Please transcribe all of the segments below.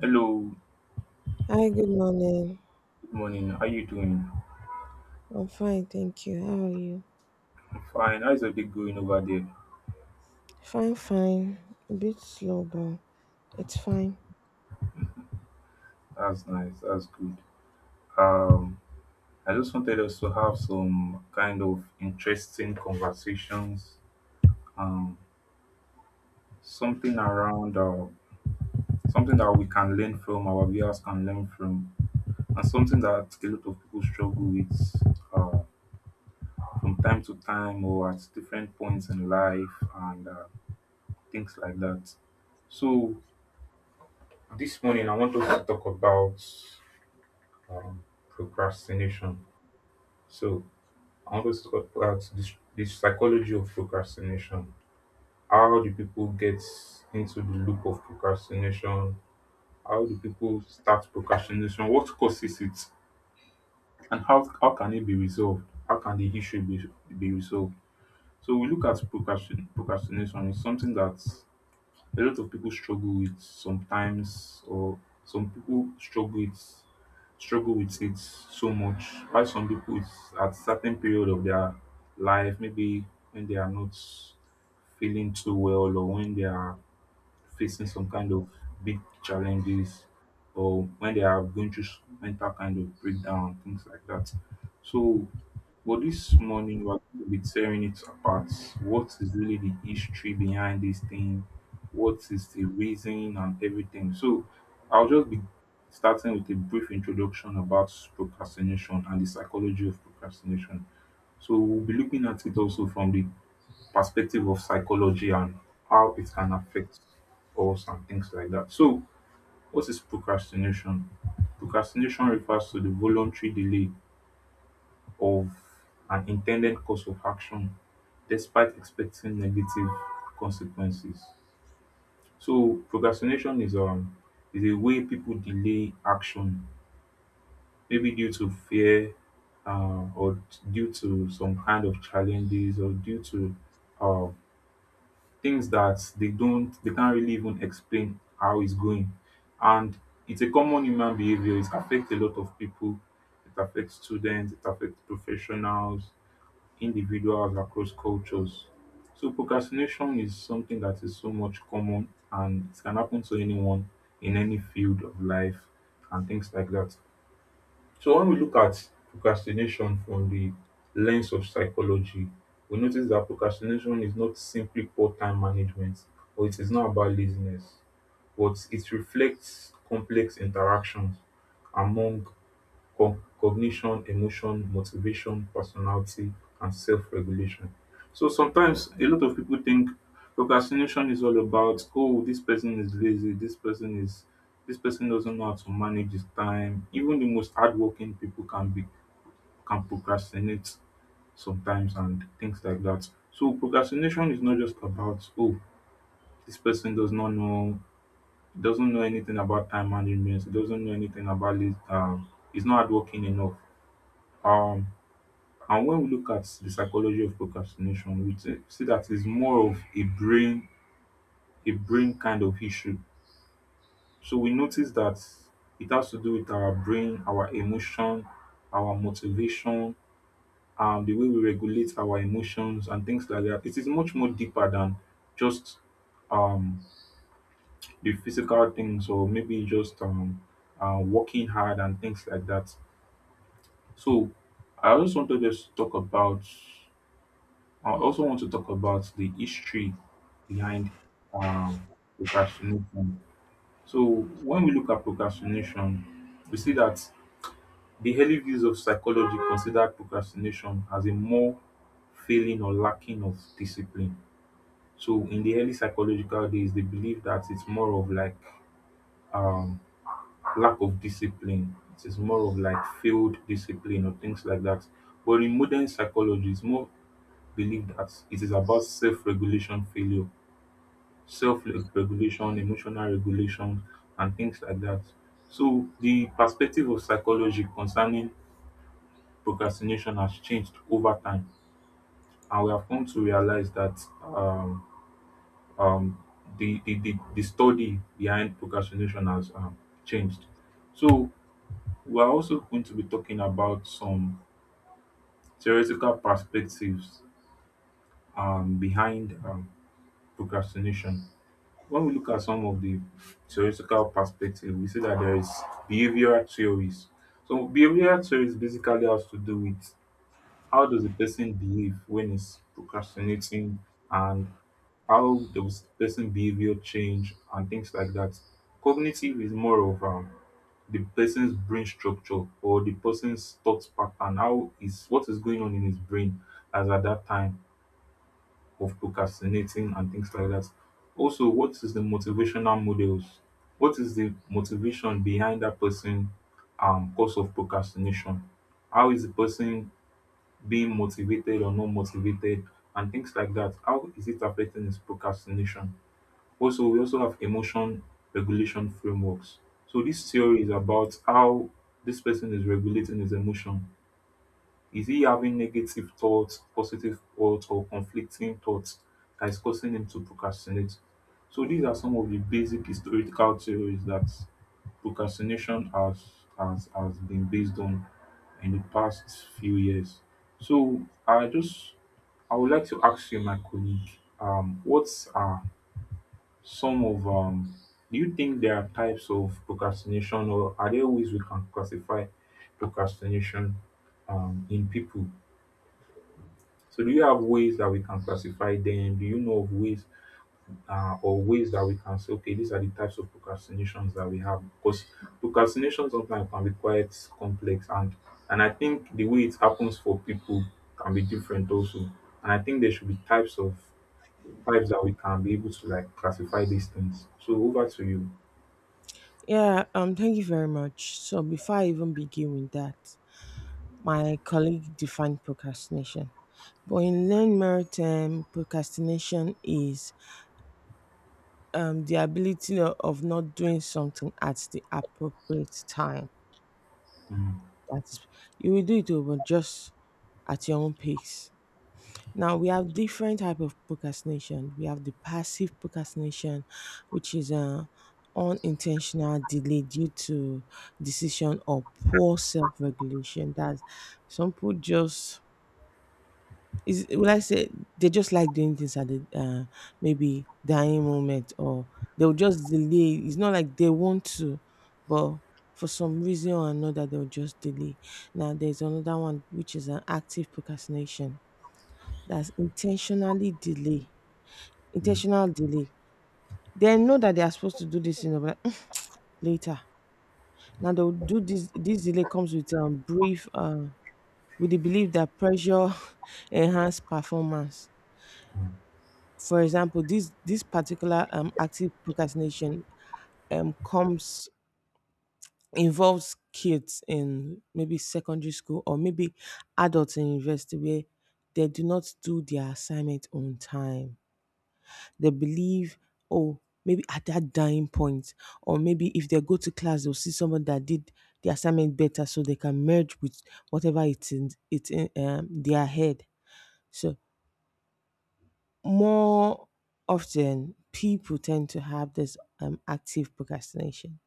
Hello, Hi, good morning. good morning. How you doing? I'm fine, thank you. How are you? I'm fine. How's your day going over there? Fine, fine. A bit slow, but it's fine. That's nice. That's good. Um, I just wanted us to have some kind of interesting conversations. Um, Something around something that we can learn from, our viewers can learn from, and something that a lot of people struggle with uh, from time to time or at different points in life and things like that. So this morning I want us to talk about um, procrastination. So I want us to talk about this, the psychology of procrastination. How do people get into the loop of procrastination? How do people start procrastination? What causes it? And how can it be resolved? How can the issue be resolved? So we look at procrastination. It's something that a lot of people struggle with sometimes or some people struggle with it so much. Why some people it's at certain period of their life, maybe when they are not feeling too well or when they are facing some kind of big challenges or when they are going through mental kind of breakdown, things like that. So, for this morning, we're going to be tearing it apart. What is really the history behind this thing? What is the reason and everything? So, I'll just be starting with a brief introduction about procrastination and the psychology of procrastination. So, we'll be looking at it also from the perspective of psychology and how it can affect us and things like that. So, what is procrastination? Procrastination refers to the voluntary delay of an intended course of action despite expecting negative consequences. So, procrastination is is a way people delay action, maybe due to fear, or due to some kind of challenges, or due to uh, things that they can't really even explain how it's going, and it's a common human behavior. It affects a lot of people. It affects students. It affects professionals, individuals across cultures. So procrastination is something that is so much common and it can happen to anyone in any field of life and things like that. So when we look at procrastination from the lens of psychology, we notice that procrastination is not simply poor time management or it is not about laziness, but it reflects complex interactions among cognition, emotion, motivation, personality, and self-regulation. So sometimes a lot of people think procrastination is all about, oh, this person is lazy, this person doesn't know how to manage his time. Even the most hardworking people can procrastinate sometimes and things like that. So procrastination is not just about, oh, this person doesn't know anything about time management, doesn't know anything about this, is not hardworking enough. Um And when we look at the psychology of procrastination, we see that it's more of a brain kind of issue. So we notice that it has to do with our brain, our emotion, our motivation, the way we regulate our emotions and things like that. It is much more deeper than just um the physical things or maybe just working hard and things like that. So I just wanted us to talk about I also want to talk about the history behind um, procrastination. So, when we look at procrastination, we see that the early views of psychology consider procrastination as a more failing or lacking of discipline. So, in the early psychological days, they believe that it's more of like um, lack of discipline. It is more of like failed discipline or things like that. But in modern psychology, it's more believed that it is about self-regulation failure, self-regulation, emotional regulation and things like that. So the perspective of psychology concerning procrastination has changed over time and we have come to realize that um, um, the study behind procrastination has changed. So we're also going to be talking about some theoretical perspectives behind procrastination. When we look at some of the theoretical perspective, we see that there is behavioral theories. So behavioral theories basically has to do with how does a person behave when he's procrastinating and how does person behavior change and things like that. Cognitive is more of the person's brain structure or the person's thought pattern, how is what is going on in his brain as at that time of procrastinating and things like that. Also, what is the motivational models? What is the motivation behind that person cause of procrastination? How is the person being motivated or not motivated and things like that? How is it affecting his procrastination? Also, we also have emotion regulation frameworks. So this theory is about how this person is regulating his emotion. Is he having negative thoughts, positive thoughts, or conflicting thoughts that is causing him to procrastinate? So these are some of the basic historical theories that procrastination has been based on in the past few years. So I would like to ask you, my colleague, what are some of do you think there are types of procrastination, or are there ways we can classify procrastination, in people? So do you have ways that we can classify them? Do you know of ways, or ways that we can say, okay, these are the types of procrastinations that we have? Because procrastination sometimes can be quite complex, and I think the way it happens for people can be different also. And I think there should be types that we can be able to like classify these things. So over to you. Yeah, thank you very much. So before I even begin with that, my colleague defined procrastination. But in learned merit term, procrastination is the ability of not doing something at the appropriate time. Mm, That's, you will do it, oh, but just at your own pace. Now we have different type of procrastination. We have the passive procrastination, which is a unintentional delay due to decision or poor self-regulation. That's, some people just is, will I say, they just like doing things at the maybe dying moment, or they'll just delay. It's not like they want to, but for some reason or another they'll just delay. Now there's another one which is an active procrastination, that's intentionally delay, mm. intentional delay. They know that they are supposed to do this, you know, but like, "Mm, later. Now they'll do this delay comes with brief with the belief that pressure enhance performance. For example, this particular active procrastination comes, involves kids in maybe secondary school or maybe adults in university where they do not do their assignment on time. They believe, oh, maybe at that dying point, or maybe if they go to class, they'll see someone that did the assignment better, so they can merge with whatever it's in their head. So more often, people tend to have this active procrastination.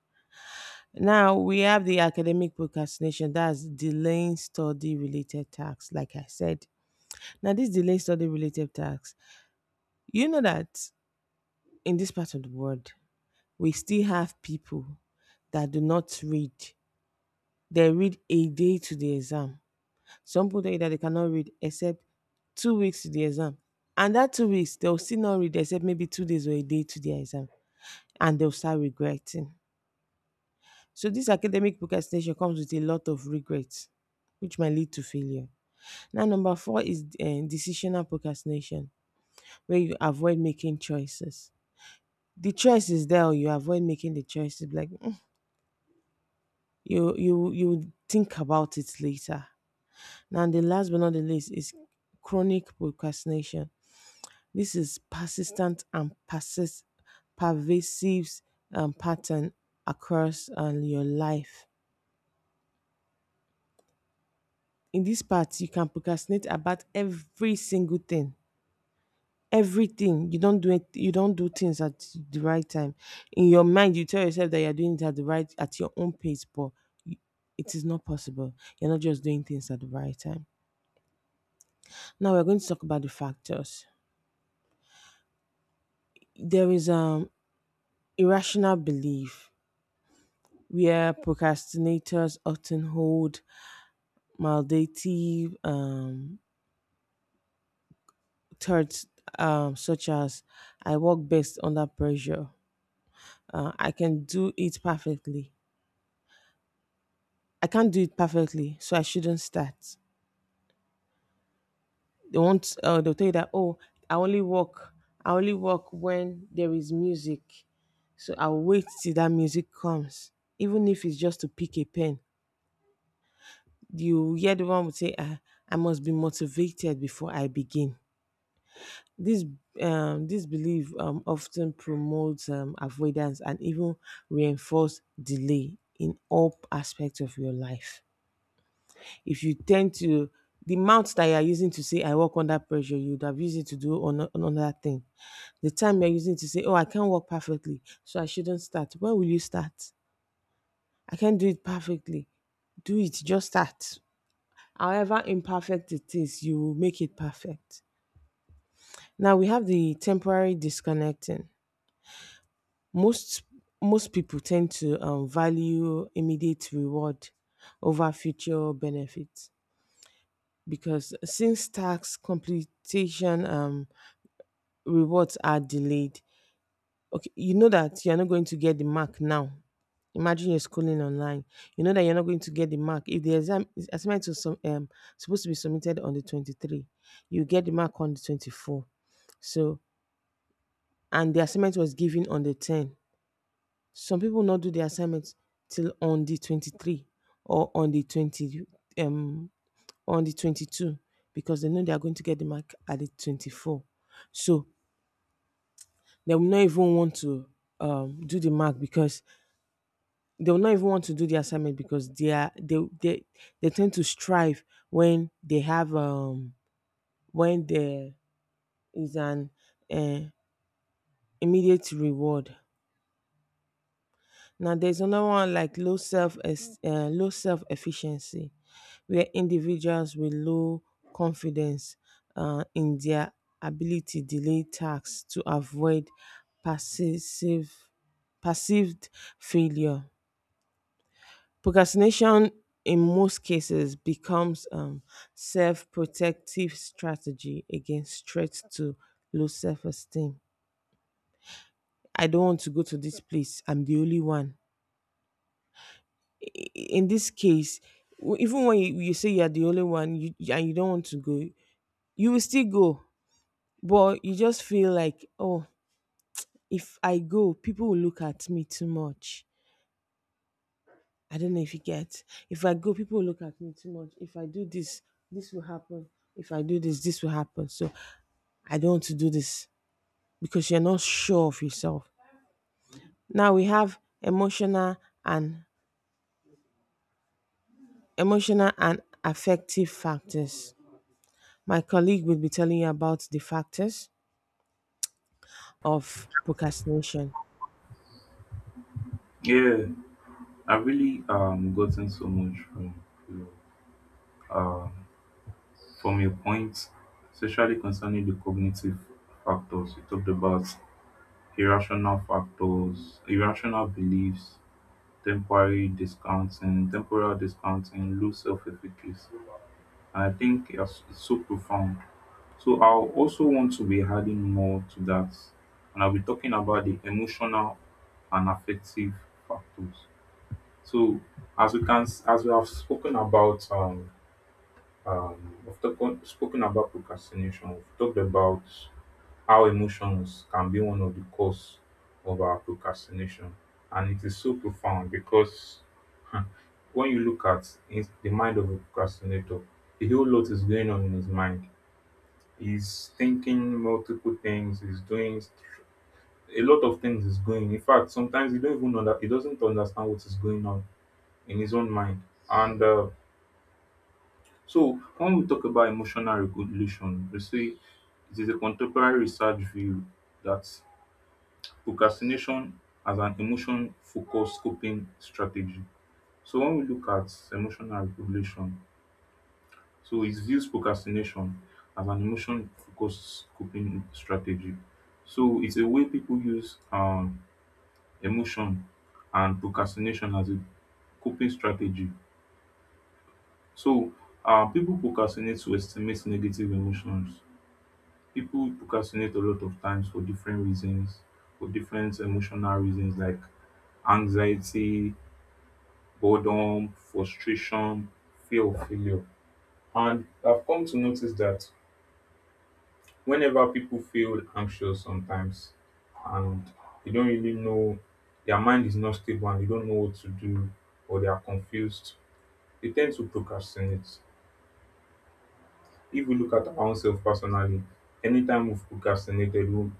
Now we have the academic procrastination, that's delaying study related tasks, like I said. Now, this delayed study related tasks, you know that in this part of the world, we still have people that do not read. They read a day to the exam. Some people tell you that they cannot read except 2 weeks to the exam. And that 2 weeks, they'll still not read except maybe 2 days or a day to the exam. And they'll start regretting. So this academic procrastination comes with a lot of regret, which might lead to failure. Now, number four is decisional procrastination, where you avoid making choices. The choice is there, or you avoid making the choices. Like, you think about it later. Now the last but not the least is chronic procrastination. This is persistent and persist pervasive pattern across your life. In this part, you can procrastinate about every single thing. Everything you don't do it, you don't do things at the right time. In your mind, you tell yourself that you're doing it at the right, at your own pace, but it is not possible. You're not just doing things at the right time. Now we're going to talk about the factors. There is irrational belief where procrastinators often hold maldative thoughts, such as, I work best under pressure. I can do it perfectly. I can't do it perfectly, so I shouldn't start. They won't, they'll tell you that, oh, I only work I only work when there is music. So I'll wait till that music comes. Even if it's just to pick a pen, you hear the one would say, ah, I must be motivated before I begin. This, this belief often promotes avoidance and even reinforce delay in all aspects of your life. If you tend to, the mouth that you are using to say I work under pressure, you would have used it to do on another thing. The time you're using to say, oh, I can't work perfectly, so I shouldn't start. When will you start? I can't do it perfectly. Do it, just start. However imperfect it is, you will make it perfect. Now we have the temporary disconnecting. Most Most people tend to value immediate reward over future benefits, because since tax completion, rewards are delayed, okay, you know that you're not going to get the mark now. Imagine you're schooling online. You know that you're not going to get the mark. If the exam assignment was some, supposed to be submitted on the 23, you get the mark on the 24. So, and the assignment was given on the 10. Some people not do the assignment till on the 23 or on the 20, um on the 22, because they know they are going to get the mark at the 24. So, they will not even want to do the mark because they will not even want to do the assignment because they are they tend to strive when they have when there is an uh, immediate reward. Now there's another one like low self efficiency, where individuals with low confidence in their ability delay tasks to avoid passive perceived failure. Procrastination in most cases becomes self-protective strategy against threats to low self-esteem. I don't want to go to this place. I'm the only one. In this case, even when you say you're the only one you, and you don't want to go, you will still go. But you just feel like, oh, if I go, people will look at me too much. I don't know if you get. If I go, people will look at me too much. If I do this, this will happen. If I do this, this will happen. So I don't want to do this because you're not sure of yourself. Now we have and emotional and affective factors. My colleague will be telling you about the factors of procrastination. Yeah, I've really gotten so much from you. From your point, especially concerning the cognitive factors, you talked about irrational factors, irrational beliefs, temporary discounting, temporal discounting, low self-efficacy. And I think it's so profound. So I also want to be adding more to that. And I'll be talking about the emotional and affective factors. So as we have spoken about we've spoken about procrastination. We've talked about how emotions can be one of the cause of our procrastination, and it is so profound because, huh, when you look at in the mind of a procrastinator, a whole lot is going on in his mind. He's thinking multiple things. He's doing a lot of things is going. In fact, sometimes he don't even know that he doesn't understand what is going on in his own mind, and so when we talk about emotional regulation, we say it is a contemporary research view that procrastination as an emotion focused coping strategy. So when we look at emotional regulation, so it views procrastination as an emotion focused coping strategy. So it's a way people use emotion and procrastination as a coping strategy. So people procrastinate to estimate negative emotions. People procrastinate a lot of times for different reasons, for different emotional reasons like anxiety, boredom, frustration, fear of failure. And I've come to notice that whenever people feel anxious sometimes and they don't really know, their mind is not stable and they don't know what to do, or they are confused, they tend to procrastinate. If we look at our own self personally, anytime we've procrastinated, we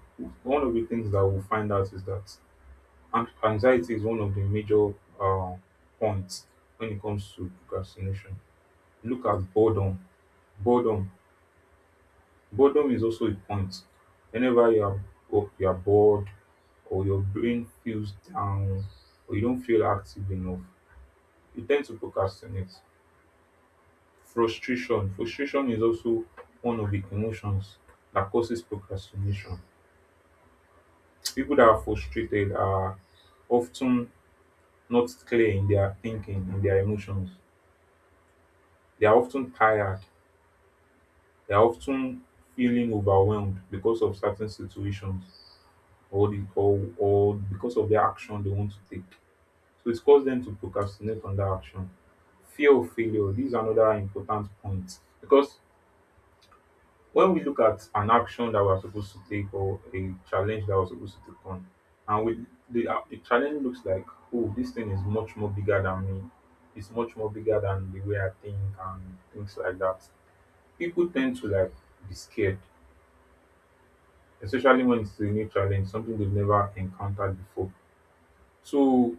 one of the things that we'll find out is that anxiety is one of the major uh, points when it comes to procrastination. Look at boredom. Boredom. Boredom is also a point. Whenever you are you are bored, or your brain feels down, or you don't feel active enough, you tend to procrastinate. Frustration. Frustration is also one of the emotions that causes procrastination. People that are frustrated are often not clear in their thinking, in their emotions. They are often tired. They are often feeling overwhelmed because of certain situations or or because of the action they want to take. So it causes them to procrastinate on that action. Fear of failure. This is another important point because when we look at an action that we're supposed to take or a challenge that we're supposed to take on, and the challenge looks like, oh, this thing is much more bigger than me. It's much more bigger than the way I think and things like that. People tend to like be scared, especially when it's a new challenge, something they've never encountered before. So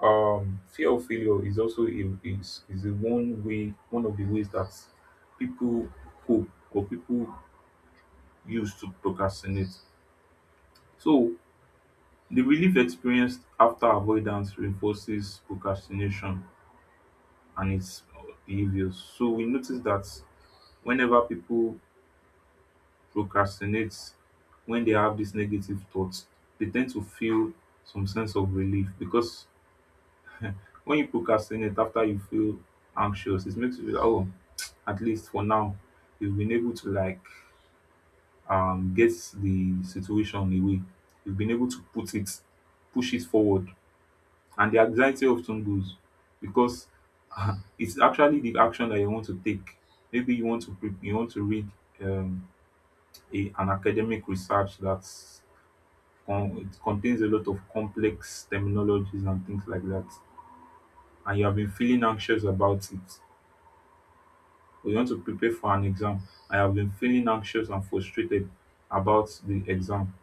fear of failure is also is a one of the ways that people cope or people use to procrastinate. So the relief experienced after avoidance reinforces procrastination and its behaviors. So we notice that whenever people procrastinate when they have these negative thoughts, they tend to feel some sense of relief because when you procrastinate after you feel anxious, it makes you feel, oh, at least for now, you've been able to like get the situation away. You've been able to put it, push it forward. And the anxiety often goes because it's actually the action that you want to take. Maybe you want to you want to read um, a, an academic research that's it contains a lot of complex terminologies and things like that, and you have been feeling anxious about it, or you want to prepare for an exam and you have been feeling anxious and frustrated about the exam.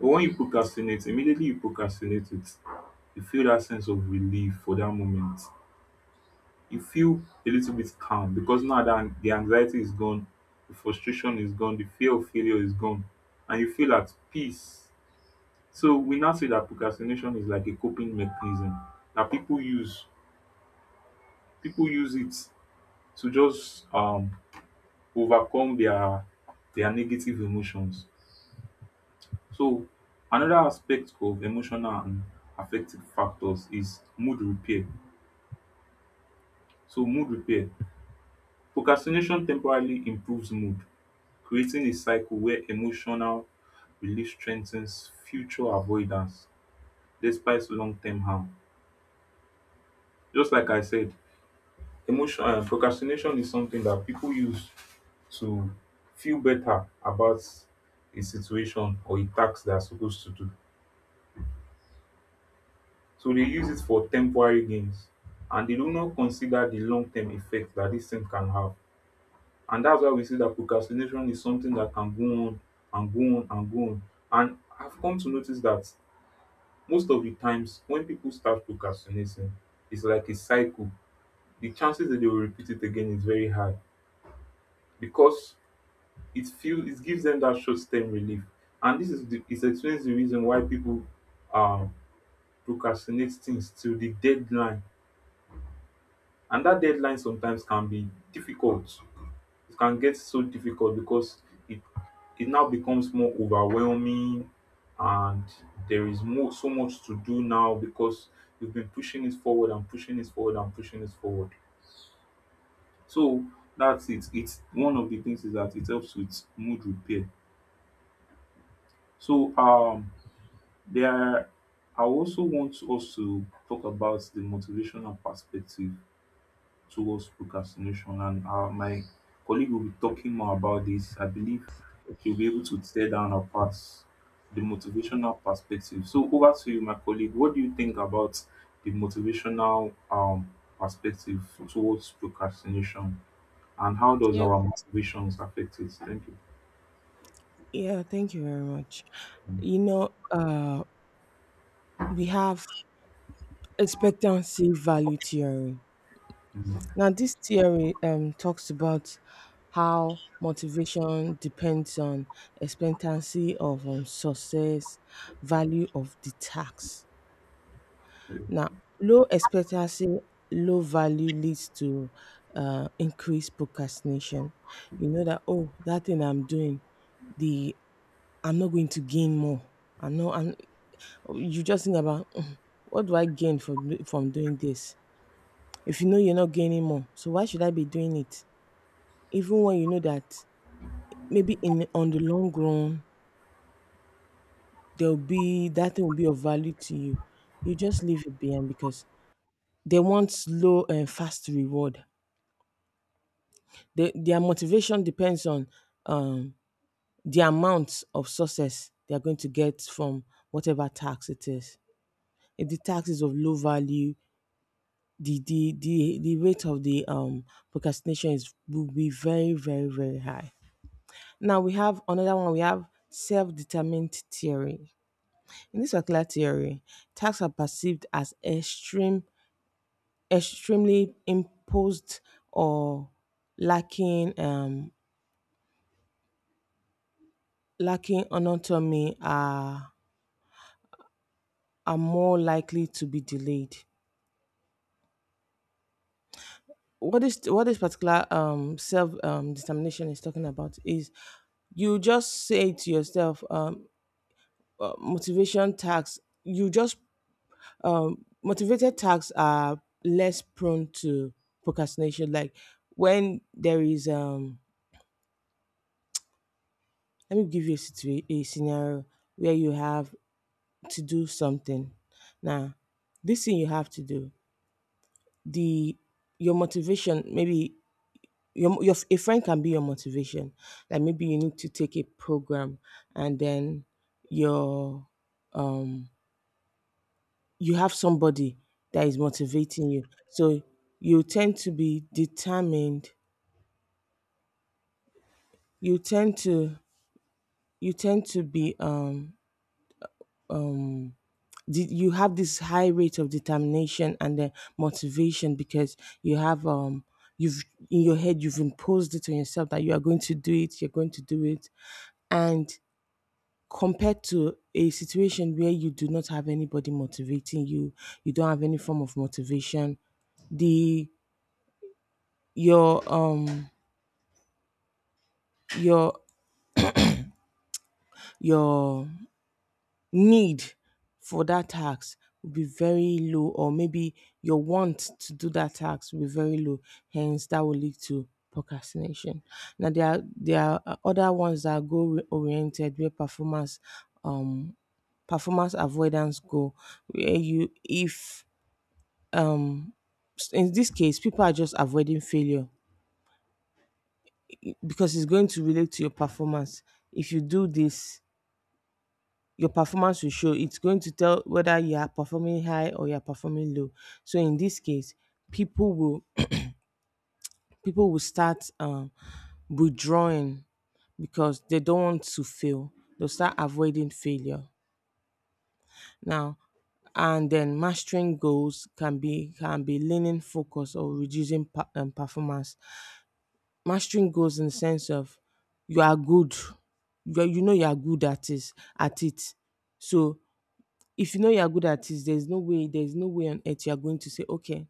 But when you procrastinate, immediately you procrastinate it, you feel that sense of relief for that moment. You feel a little bit calm because now that the anxiety is gone, the frustration is gone, the fear of failure is gone, and you feel at peace. So we now say that procrastination is like a coping mechanism that people use, people use it to just overcome their negative emotions. So another aspect of emotional and affective factors is mood repair. So mood repair. Procrastination temporarily improves mood, creating a cycle where emotional relief strengthens future avoidance despite long-term harm. Just like I said, Emotion procrastination is something that people use to feel better about a situation or a task they are supposed to do. So they use it for temporary gains and they do not consider the long term effect that this thing can have. And that's why we see that procrastination is something that can go on and go on and go on. And I've come to notice that most of the times when people start procrastinating, it's like a cycle. The chances that they will repeat it again is very high, because it feels, it gives them that short term relief. And this is the, it explains the reason why people um procrastinate things till the deadline. And that deadline sometimes can be difficult. It can get so difficult because it it now becomes more overwhelming, and there is more, so much to do now, because you've been pushing it forward and pushing it forward and pushing it forward. So that's it. It's one of the things, is that it helps with mood repair. So there are, I also want us to talk about the motivational perspective towards procrastination, and my colleague will be talking more about this. I believe she'll be able to tear down apart the motivational perspective. So over to you, my colleague. What do you think about the motivational perspective towards procrastination, and how does Yeah, our motivations affect it? Thank you. yeah, thank you very much. You know, we have expectancy value theory. Mm. Now, this theory talks about how motivation depends on expectancy of success, value of the task. Now, low expectancy, low value leads to increased procrastination. You know that, oh, that thing I'm doing, the I'm not going to gain more. I'm not. I'm, you just think about "Mm, what do I gain from from doing this? If you know you're not gaining more, so why should I be doing it? Even when you know that maybe in on the long run, there will be, that thing will be of value to you, you just leave it behind because they want slow and fast reward. They, their motivation depends on um, the amount of success they are going to get from whatever tax it is. If the tax is of low value, the rate of the procrastination is, will be very, very, very high. Now we have another one. We have self-determined theory. In this particular theory, tasks are perceived as extremely imposed or lacking, lacking autonomy, are more likely to be delayed. What this particular self determination is talking about is, you just say to yourself, motivation tasks. You just, motivated tasks are less prone to procrastination. Like, when there is, let me give you a a scenario where you have to do something. Now this thing you have to do, the your motivation maybe, your a friend can be your motivation. Like maybe you need to take a program, and then your, um you have somebody that is motivating you, so you tend to be determined. You tend to, you tend to be um you have this high rate of determination and then motivation because you have, you've, in your head you've imposed it on yourself that you're going to do it. And compared to a situation where you do not have anybody motivating you, you don't have any form of motivation, the your, your your need for that task will be very low, or maybe your want to do that task will be very low, hence that will lead to procrastination. Now there are, other ones that are goal oriented, where performance, um performance avoidance goal, where you, if, in this case, people are just avoiding failure, I- because it's going to relate to your performance. If you do this, your performance will show. It's going to tell whether you are performing high or you are performing low. So in this case, people will people will start, withdrawing because they don't want to fail. They'll start avoiding failure. Now, and then mastering goals can be, leaning focus or reducing performance. Mastering goals, in the sense of, you are good, you know you are good at it. So if you know you are good at it, there's no way, on earth you are going to say, okay,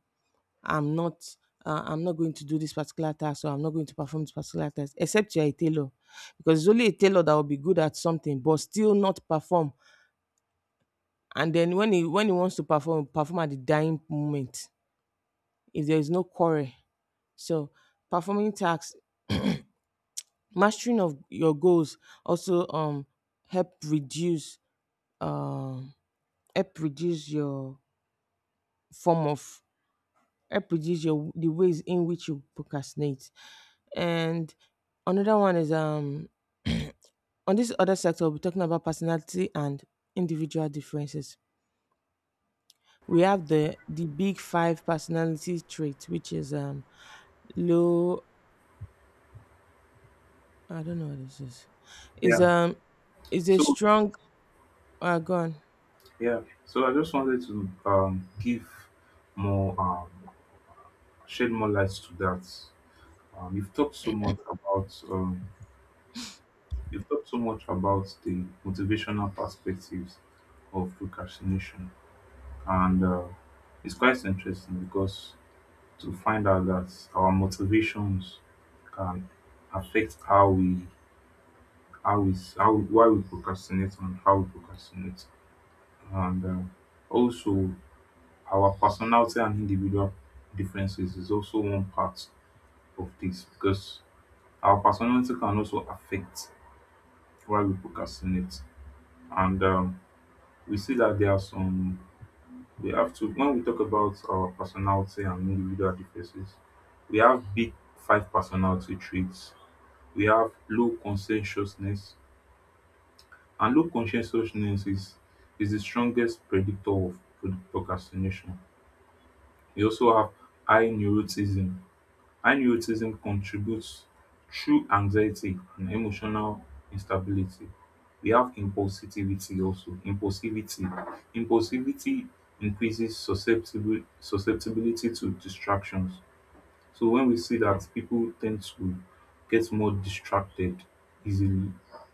I'm not, I'm not going to do this particular task, or I'm not going to perform this particular task, except you're a tailor. Because it's only a tailor that will be good at something but still not perform. And then when he, when he wants to perform, perform at the dying moment, if there is no quarry. So performing tasks, mastering of your goals also, help reduce, um help reduce your form of help reduce your the ways in which you procrastinate. And another one is, on this other sector we'll be talking about personality and individual differences. We have the big five personality traits, which is, low, I don't know what this is. Is, Yeah. Is a So strong, gone. yeah, so I just wanted to give more, shed more light to that. Um, you've talked so much about um, you've talked so much about the motivational perspectives of procrastination, and it's quite interesting because to find out that our motivations can affect how we, how, why we procrastinate and how we procrastinate, and also our personality and individual differences is also one part of this, because our personality can also affect why we procrastinate. And we see that there are some, we have to, when we talk about our personality and individual differences, we have big five personality traits. We have low conscientiousness, and low conscientiousness is the strongest predictor of procrastination. We also have high neuroticism. High contributes through anxiety and emotional instability. We have impulsivity also, impulsivity. Impulsivity increases susceptible susceptibility to distractions. So when we see that people tend to get more distracted easily,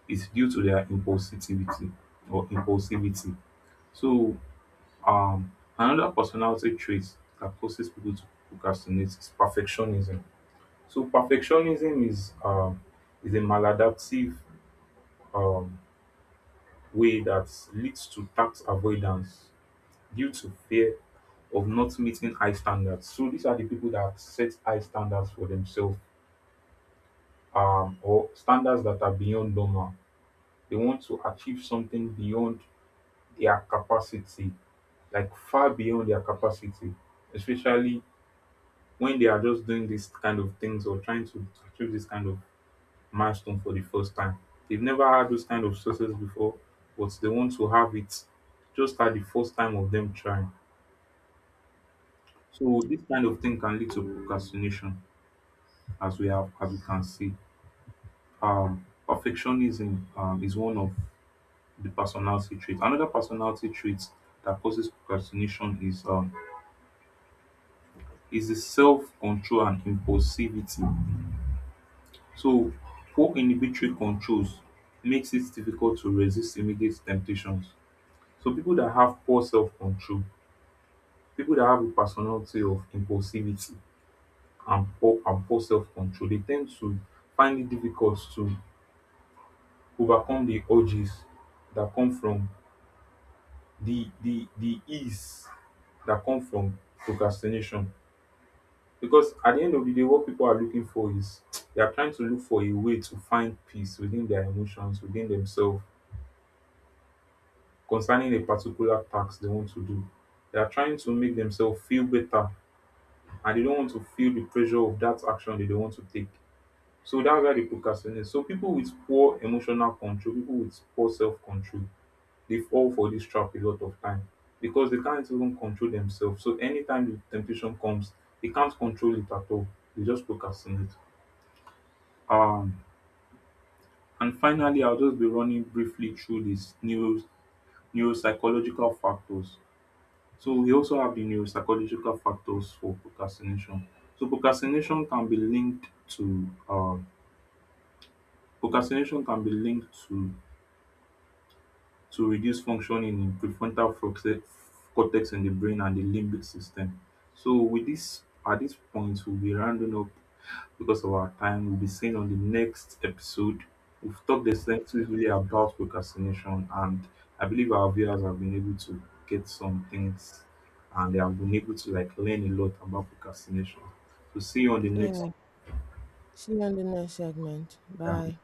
it's due to their impulsivity or impulsivity. So um another personality trait that causes people to procrastinate is perfectionism. So perfectionism is a maladaptive um, way that leads to tax avoidance due to fear of not meeting high standards. So these are the people that set high standards for themselves, or standards that are beyond normal. They want to achieve something beyond their capacity, like far beyond their capacity, especially when they are just doing these kind of things or trying to achieve this kind of milestone for the first time. They've never had those kind of success before, but they want to have it just at the first time of them trying. So this kind of thing can lead to procrastination, as we can see. Perfectionism is one of the personality traits. Another personality trait that causes procrastination is the self-control and impulsivity. So poor inhibitory controls makes it difficult to resist immediate temptations. So people that have poor self-control, people that have a personality of impulsivity and poor self-control, they tend to find it difficult to overcome the urges that come from the ease that come from procrastination. Because at the end of the day, what people are looking for is, they are trying to look for a way to find peace within their emotions, within themselves, concerning a particular task they want to do. They are trying to make themselves feel better, and they don't want to feel the pressure of that action that they want to take. So that's why they procrastinate. So people with poor emotional control, people with poor self-control, they fall for this trap a lot of time because they can't even control themselves. So anytime the temptation comes, they can't control it at all. They just procrastinate. Um, and finally, I'll just be running briefly through these neuropsychological factors. So we also have the neuropsychological factors for procrastination. So procrastination can be linked to procrastination can be linked to to reduced functioning in prefrontal cortex in the brain and the limbic system. So with this, at this point we'll be rounding up because of our time. We'll be seeing on the next episode. We've talked extensively about procrastination, and I believe our viewers have been able to get some things and they have been able to like learn a lot about procrastination. So see you on the next. Yeah. See you on the next segment. um, Bye.